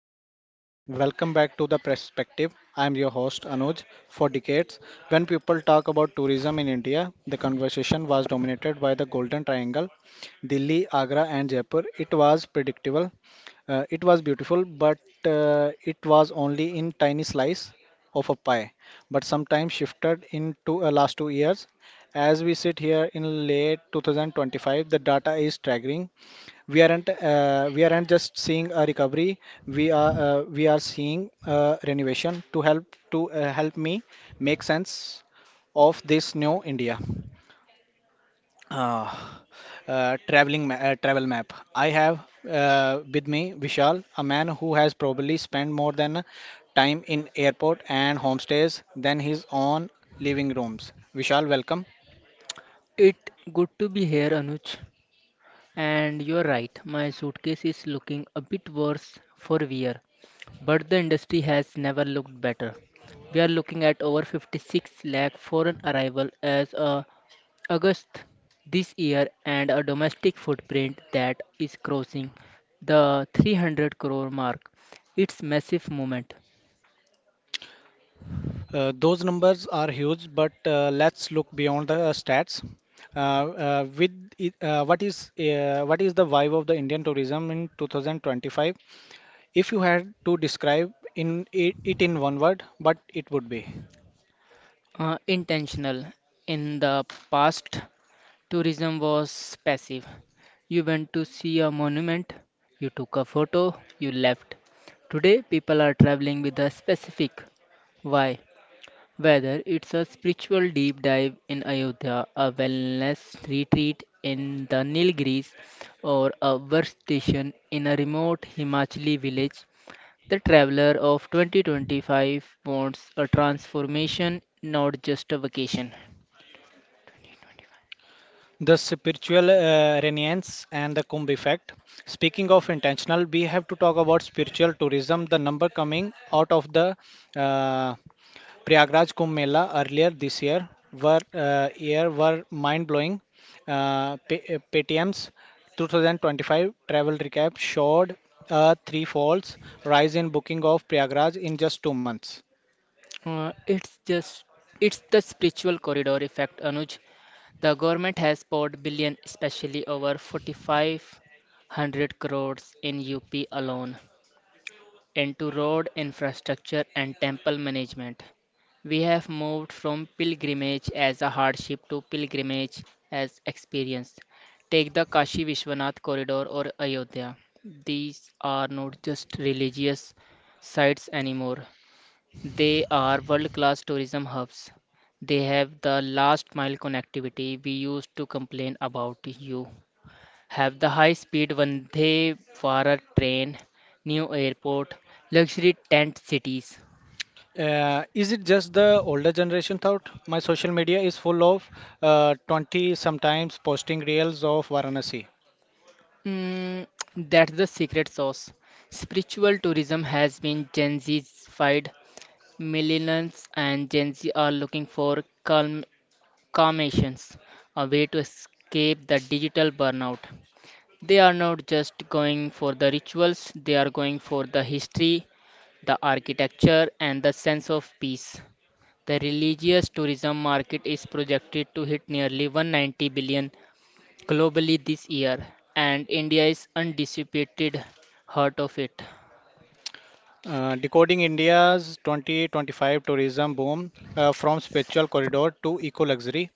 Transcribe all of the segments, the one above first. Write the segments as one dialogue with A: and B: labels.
A: India travel. Welcome back to The Perspective. I am your host Anuj. For decades, when people talk about tourism in India, the conversation was dominated by the Golden Triangle, Delhi, Agra, and Jaipur. It was predictable, it was beautiful, but it was only in tiny slice of a pie, but sometimes shifted into last 2 years. As we sit here in late 2025, the data is staggering. We aren't just seeing a recovery. We are seeing a renovation. To help to help me make sense of this new india uh, travel map I have with me vishal, a man who has probably spent more than time in airport and homestays than his own living rooms. Vishal, welcome.
B: It good to be here, Anuj. And you're right, my suitcase is looking a bit worse for wear, but the industry has never looked better. We are looking at over 56 lakh foreign arrival as of August this year and a domestic footprint that is crossing the 300 crore mark. It's massive movement,
A: Those numbers are huge, but let's look beyond the stats. With it, what is the vibe of the Indian tourism in 2025? If you had to describe in it, it in one word, what it would be?
B: uh, Intentional. In the past, tourism was passive. You went to see a monument, you took a photo, you left. Today, people are traveling with a specific why. Whether it's a spiritual deep dive in Ayodhya, a wellness retreat in the Nilgiris, or a workstation in a remote Himachali village, the traveler of 2025 wants a transformation, not just a vacation.
A: The spiritual renaissance and the Kumbh effect. Speaking of intentional, we have to talk about spiritual tourism. The number coming out of the uh, Prayagraj Kumbh Mela earlier this year were mind-blowing. Paytm's 2025 travel recap showed a three-fold rise in booking of Prayagraj in just 2 months.
B: Uh, it's just it's the spiritual corridor effect, Anuj. The government has poured billion, especially over 4,500 crores in UP alone, into road infrastructure and temple management. We have moved from pilgrimage as a hardship to pilgrimage as experience. Take the Kashi Vishwanath corridor or Ayodhya. These are not just religious sites anymore. They are world-class tourism hubs. They have the last mile connectivity we used to complain about. You have the high-speed Vande Bharat train, new airport, luxury tent cities.
A: Is it just the older generation thought? My social media is full of 20 sometimes posting reels of Varanasi.
B: Mm, that's the secret sauce. Spiritual tourism has been Gen Zified. Millennials and Gen Z are looking for calm, calmations, a way to escape the digital burnout. They are not just going for the rituals, they are going for the history, the architecture, and the sense of peace. The religious tourism market is projected to hit nearly 190 billion globally this year, and India is undisputed heart of it.
A: Decoding India's 2025 tourism boom, from spiritual corridor to eco luxury.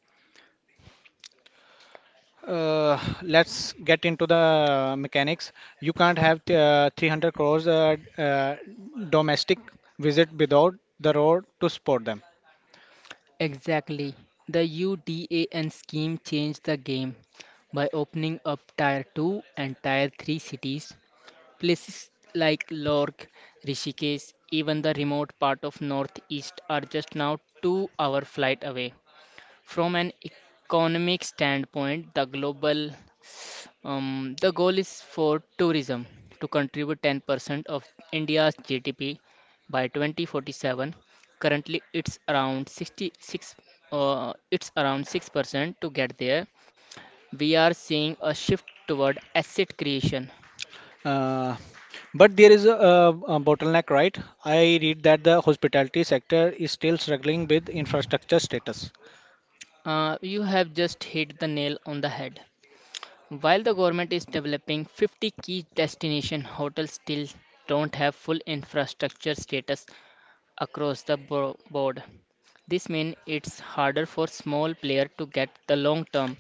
A: Let's get into the mechanics. You can't have 300 crores domestic visit without the road to support them.
B: Exactly. The UDAN scheme changed the game by opening up Tier 2 and Tier 3 cities. Places like Lorg, Rishikesh, even the remote part of Northeast are just now 2-hour flight away. From an economic standpoint, the goal is for tourism to contribute 10% of India's GDP by 2047. Currently, it's around 6% to get there. We are seeing a shift toward asset creation.
A: Uh, but there is a bottleneck, right? I read that the hospitality sector is still struggling with infrastructure status.
B: You have just hit the nail on the head. While the government is developing 50 key destination hotels still don't have full infrastructure status across the board. This means it's harder for small player to get the long-term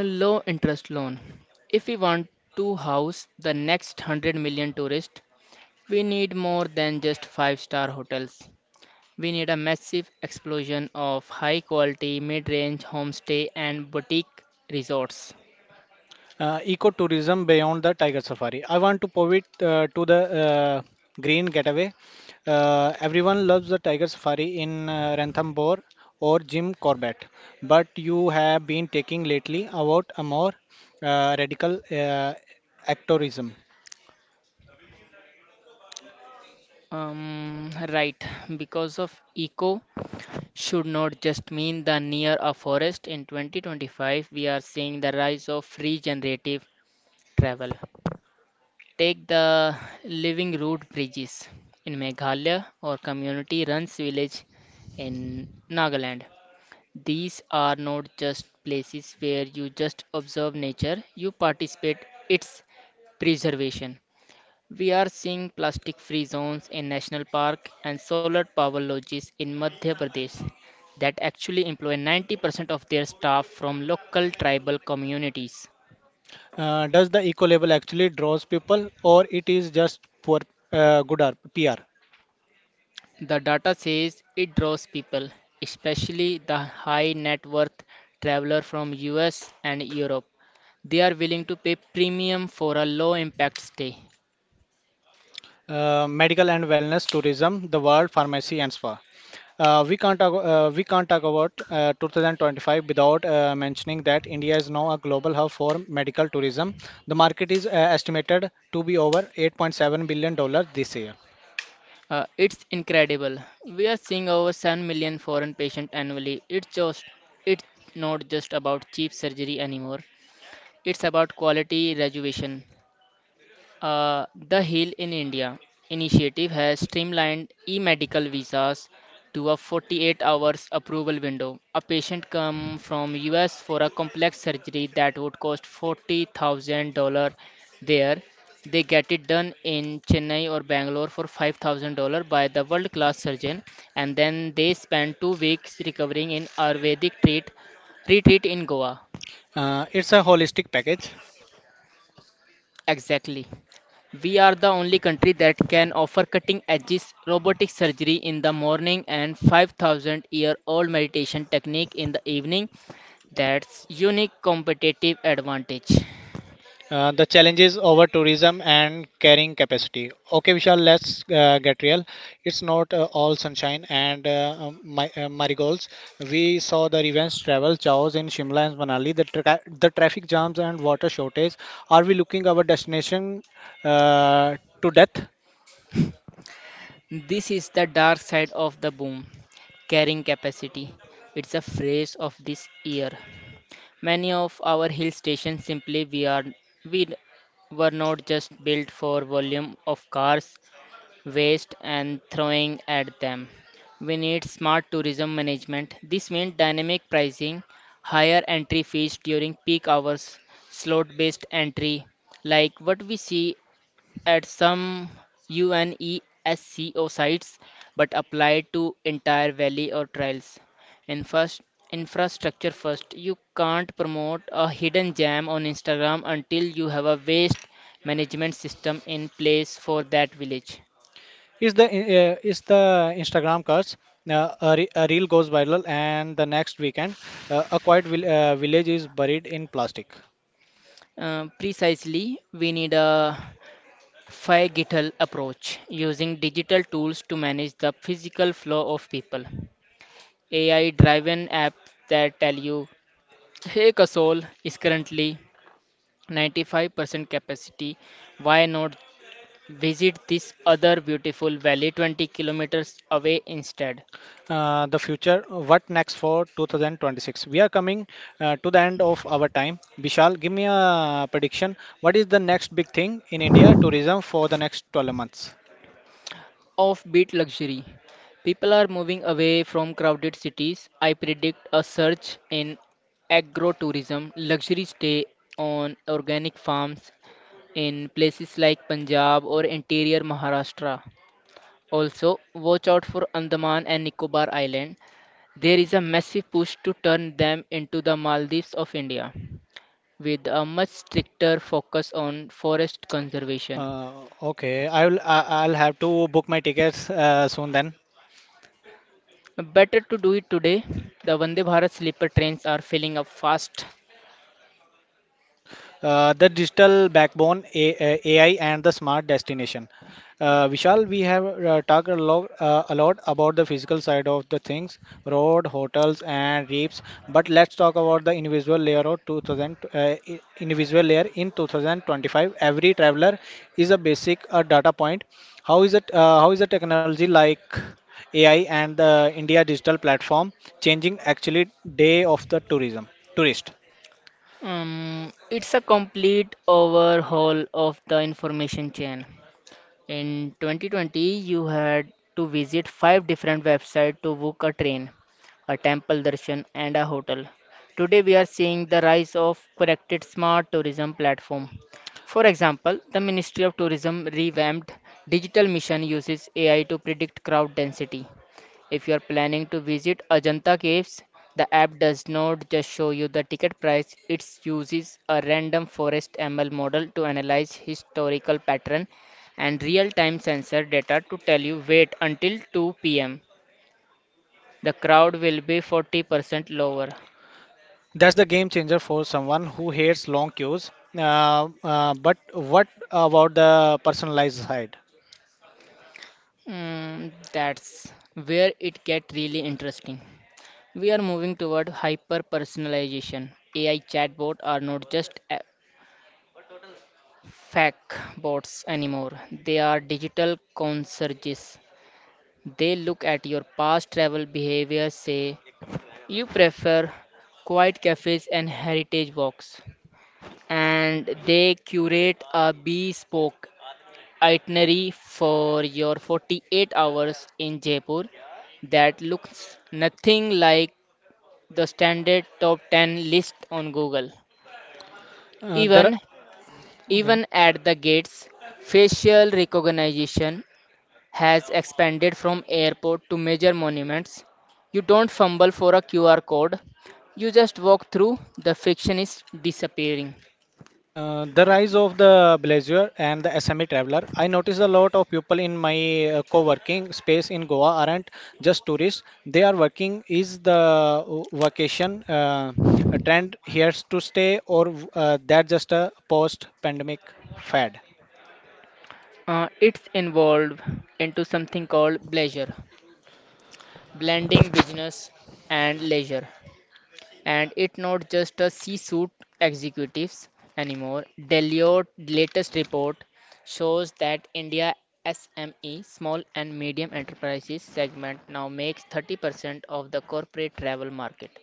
B: low interest loan. If we want to house the next 100 million tourists, we need more than just five-star hotels. We need a massive explosion of high quality mid range homestay and boutique resorts.
A: Ecotourism beyond the tiger safari. I want to pivot to the green getaway. Everyone loves the tiger safari in ranthambore or jim corbett, but you have been taking lately about a more radical actorism.
B: Right, because of eco should not just mean the near a forest. In 2025, we are seeing the rise of regenerative travel. Take the living root bridges in Meghalaya or community runs village in Nagaland. These are not just places where you just observe nature, you participate its preservation. We are seeing plastic free zones in national park and solar power lodges in Madhya Pradesh that actually employ 90% of their staff from local tribal communities.
A: Does the eco label actually draws people, or it is just for good pr?
B: The data says it draws people, especially the high net worth traveler from US and Europe. They are willing to pay premium for a low impact stay.
A: Medical and wellness tourism, the world pharmacy and spa. We can't talk about 2025 without mentioning that India is now a global hub for medical tourism. The market is estimated to be over 8.7 billion dollars this year.
B: It's incredible. We are seeing over 7 million foreign patients annually. It's not just about cheap surgery anymore. It's about quality rejuvenation. The Heal in India initiative has streamlined e-medical visas to a 48 hours approval window. A patient come from US for a complex surgery that would cost $40,000 there. They get it done in Chennai or Bangalore for $5,000 by the world-class surgeon, and then they spend 2 weeks recovering in Ayurvedic treat retreat in Goa.
A: It's a holistic package.
B: Exactly. We are the only country that can offer cutting edge robotic surgery in the morning and 5,000 year old meditation technique in the evening. That's unique competitive advantage.
A: The challenges over tourism and carrying capacity. Okay, Vishal, let's get real. It's not all sunshine and marigolds. We saw the revenge travel chaos in Shimla and Manali, the traffic jams and water shortage. Are we looking our destination to death?
B: This is the dark side of the boom, carrying capacity. It's a phrase of this year. Many of our hill stations simply we were not just built for volume of cars waste and throwing at them. We need smart tourism management. This means dynamic pricing, higher entry fees during peak hours, slot based entry, like what we see at some UNESCO sites but applied to entire valley or trails. In first, Infrastructure first, you can't promote a hidden gem on Instagram until you have a waste management system in place for that village.
A: Is the Instagram curse? A reel goes viral, and the next weekend, village is buried in plastic.
B: Precisely, we need a FIGITAL approach using digital tools to manage the physical flow of people. AI driven apps that tell you, hey, Kasol is currently 95% capacity. Why not visit this other beautiful valley 20 kilometers away instead?
A: The future. What next for 2026? We are coming to the end of our time. Vishal, give me a prediction. What is the next big thing in India tourism for the next 12 months?
B: Offbeat luxury. People are moving away from crowded cities. I predict a surge in agrotourism, luxury stay on organic farms in places like Punjab or interior Maharashtra. Also, watch out for Andaman and Nicobar Island. There is a massive push to turn them into the Maldives of India, with a much stricter focus on forest conservation.
A: Uh, okay, I will. I'll have to book my tickets soon then.
B: Better to do it today. The Vande Bharat sleeper trains are filling up fast.
A: The digital backbone, AI, and the smart destination. Vishal, we have a lot about the physical side of the things, road, hotels, and reefs. But let's talk about the invisible layer of 2000, invisible layer in 2025. Every traveler is a basic data point. How is it? How is the technology like AI and the India digital platform changing actually day of the tourism tourist?
B: It's a complete overhaul of the information chain. In 2020, you had to visit five different websites to book a train, a temple darshan, and a hotel. Today, we are seeing the rise of connected smart tourism platform. For example, the Ministry of Tourism revamped digital mission uses AI to predict crowd density. If you are planning to visit Ajanta Caves, the app does not just show you the ticket price, it uses a random forest ML model to analyze historical pattern and real-time sensor data to tell you wait until 2 p.m. The crowd will be 40% lower.
A: That's the game changer for someone who hates long queues. But what about the personalized side?
B: That's where it gets really interesting. We are moving toward hyper personalization. AI chatbots are not just fake bots anymore. They are digital concierges. They look at your past travel behavior, say you prefer quiet cafes and heritage walks, and they curate a bespoke itinerary for your 48 hours in Jaipur that looks nothing like the standard top 10 list on Google.
A: The
B: Even
A: Okay.
B: even at the gates, facial recognition has expanded from airport to major monuments. You don't fumble for a QR code, you just walk through. The friction is disappearing.
A: The rise of the Blazer and the SME traveler. I notice a lot of people in my co-working space in Goa aren't just tourists. They are working. Is the vacation a trend here to stay, or that just a post-pandemic fad?
B: It's evolved into something called pleasure, blending business and leisure. And it's not just a C-suite executives anymore. Deloitte latest report shows that India SME, small and medium enterprises segment now makes 30% of the corporate travel market.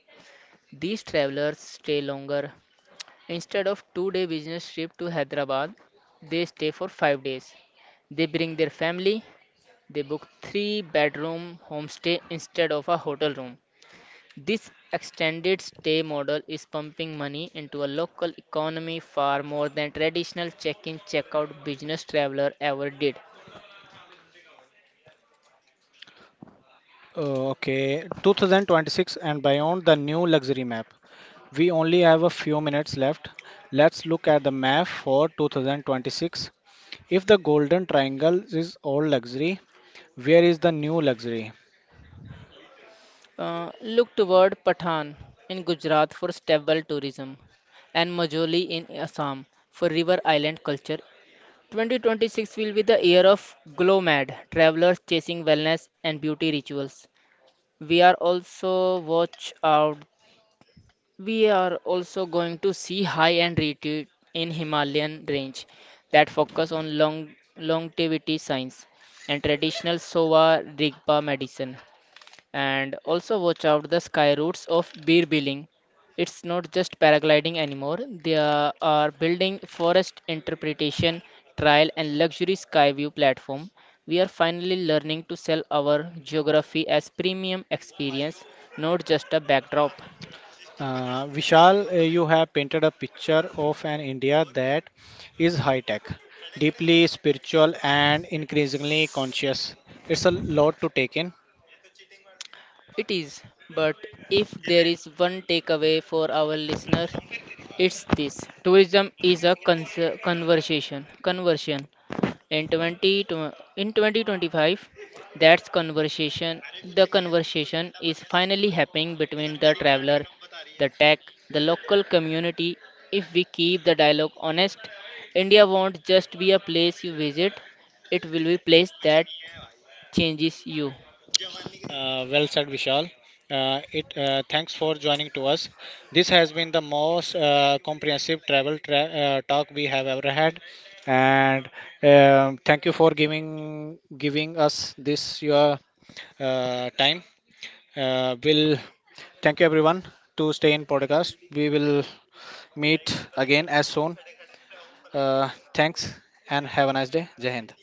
B: These travelers stay longer. Instead of 2-day business trip to Hyderabad, they stay for 5 days. They bring their family. They book 3-bedroom homestay instead of a hotel room. This extended stay model is pumping money into a local economy far more than traditional check-in check-out business traveler ever did.
A: Okay, 2026 and beyond the new luxury map. We only have a few minutes left. Let's look at the map for 2026. If the golden triangle is all luxury, where is the new luxury?
B: Look toward Patan in Gujarat for stable tourism and Majoli in Assam for river island culture. 2026 will be the year of GLOMAD, travelers chasing wellness and beauty rituals. We are also watch out We are also going to see high-end retreat in Himalayan range that focus on longevity science and traditional Sova Rigpa medicine. And also watch out the sky routes of beer billing. It's not just paragliding anymore. They are building forest interpretation, trial and luxury sky view platform. We are finally learning to sell our geography as premium experience, not just a backdrop.
A: Vishal, you have painted a picture of an India that is high tech, deeply spiritual, and increasingly conscious. It's a lot to take in.
B: It is, but if there is one takeaway for our listeners, it's this. Tourism is a conversation, conversion. In 2025, that's conversation. The conversation is finally happening between the traveler, the tech, the local community. If we keep the dialogue honest, India won't just be a place you visit, it will be a place that changes you.
A: Well said, Vishal. It Thanks for joining to us. This has been the most comprehensive talk we have ever had, and thank you for giving us this your time. Will Thank you everyone to stay in podcast. We will meet again as soon. Thanks and have a nice day. Jai Hind.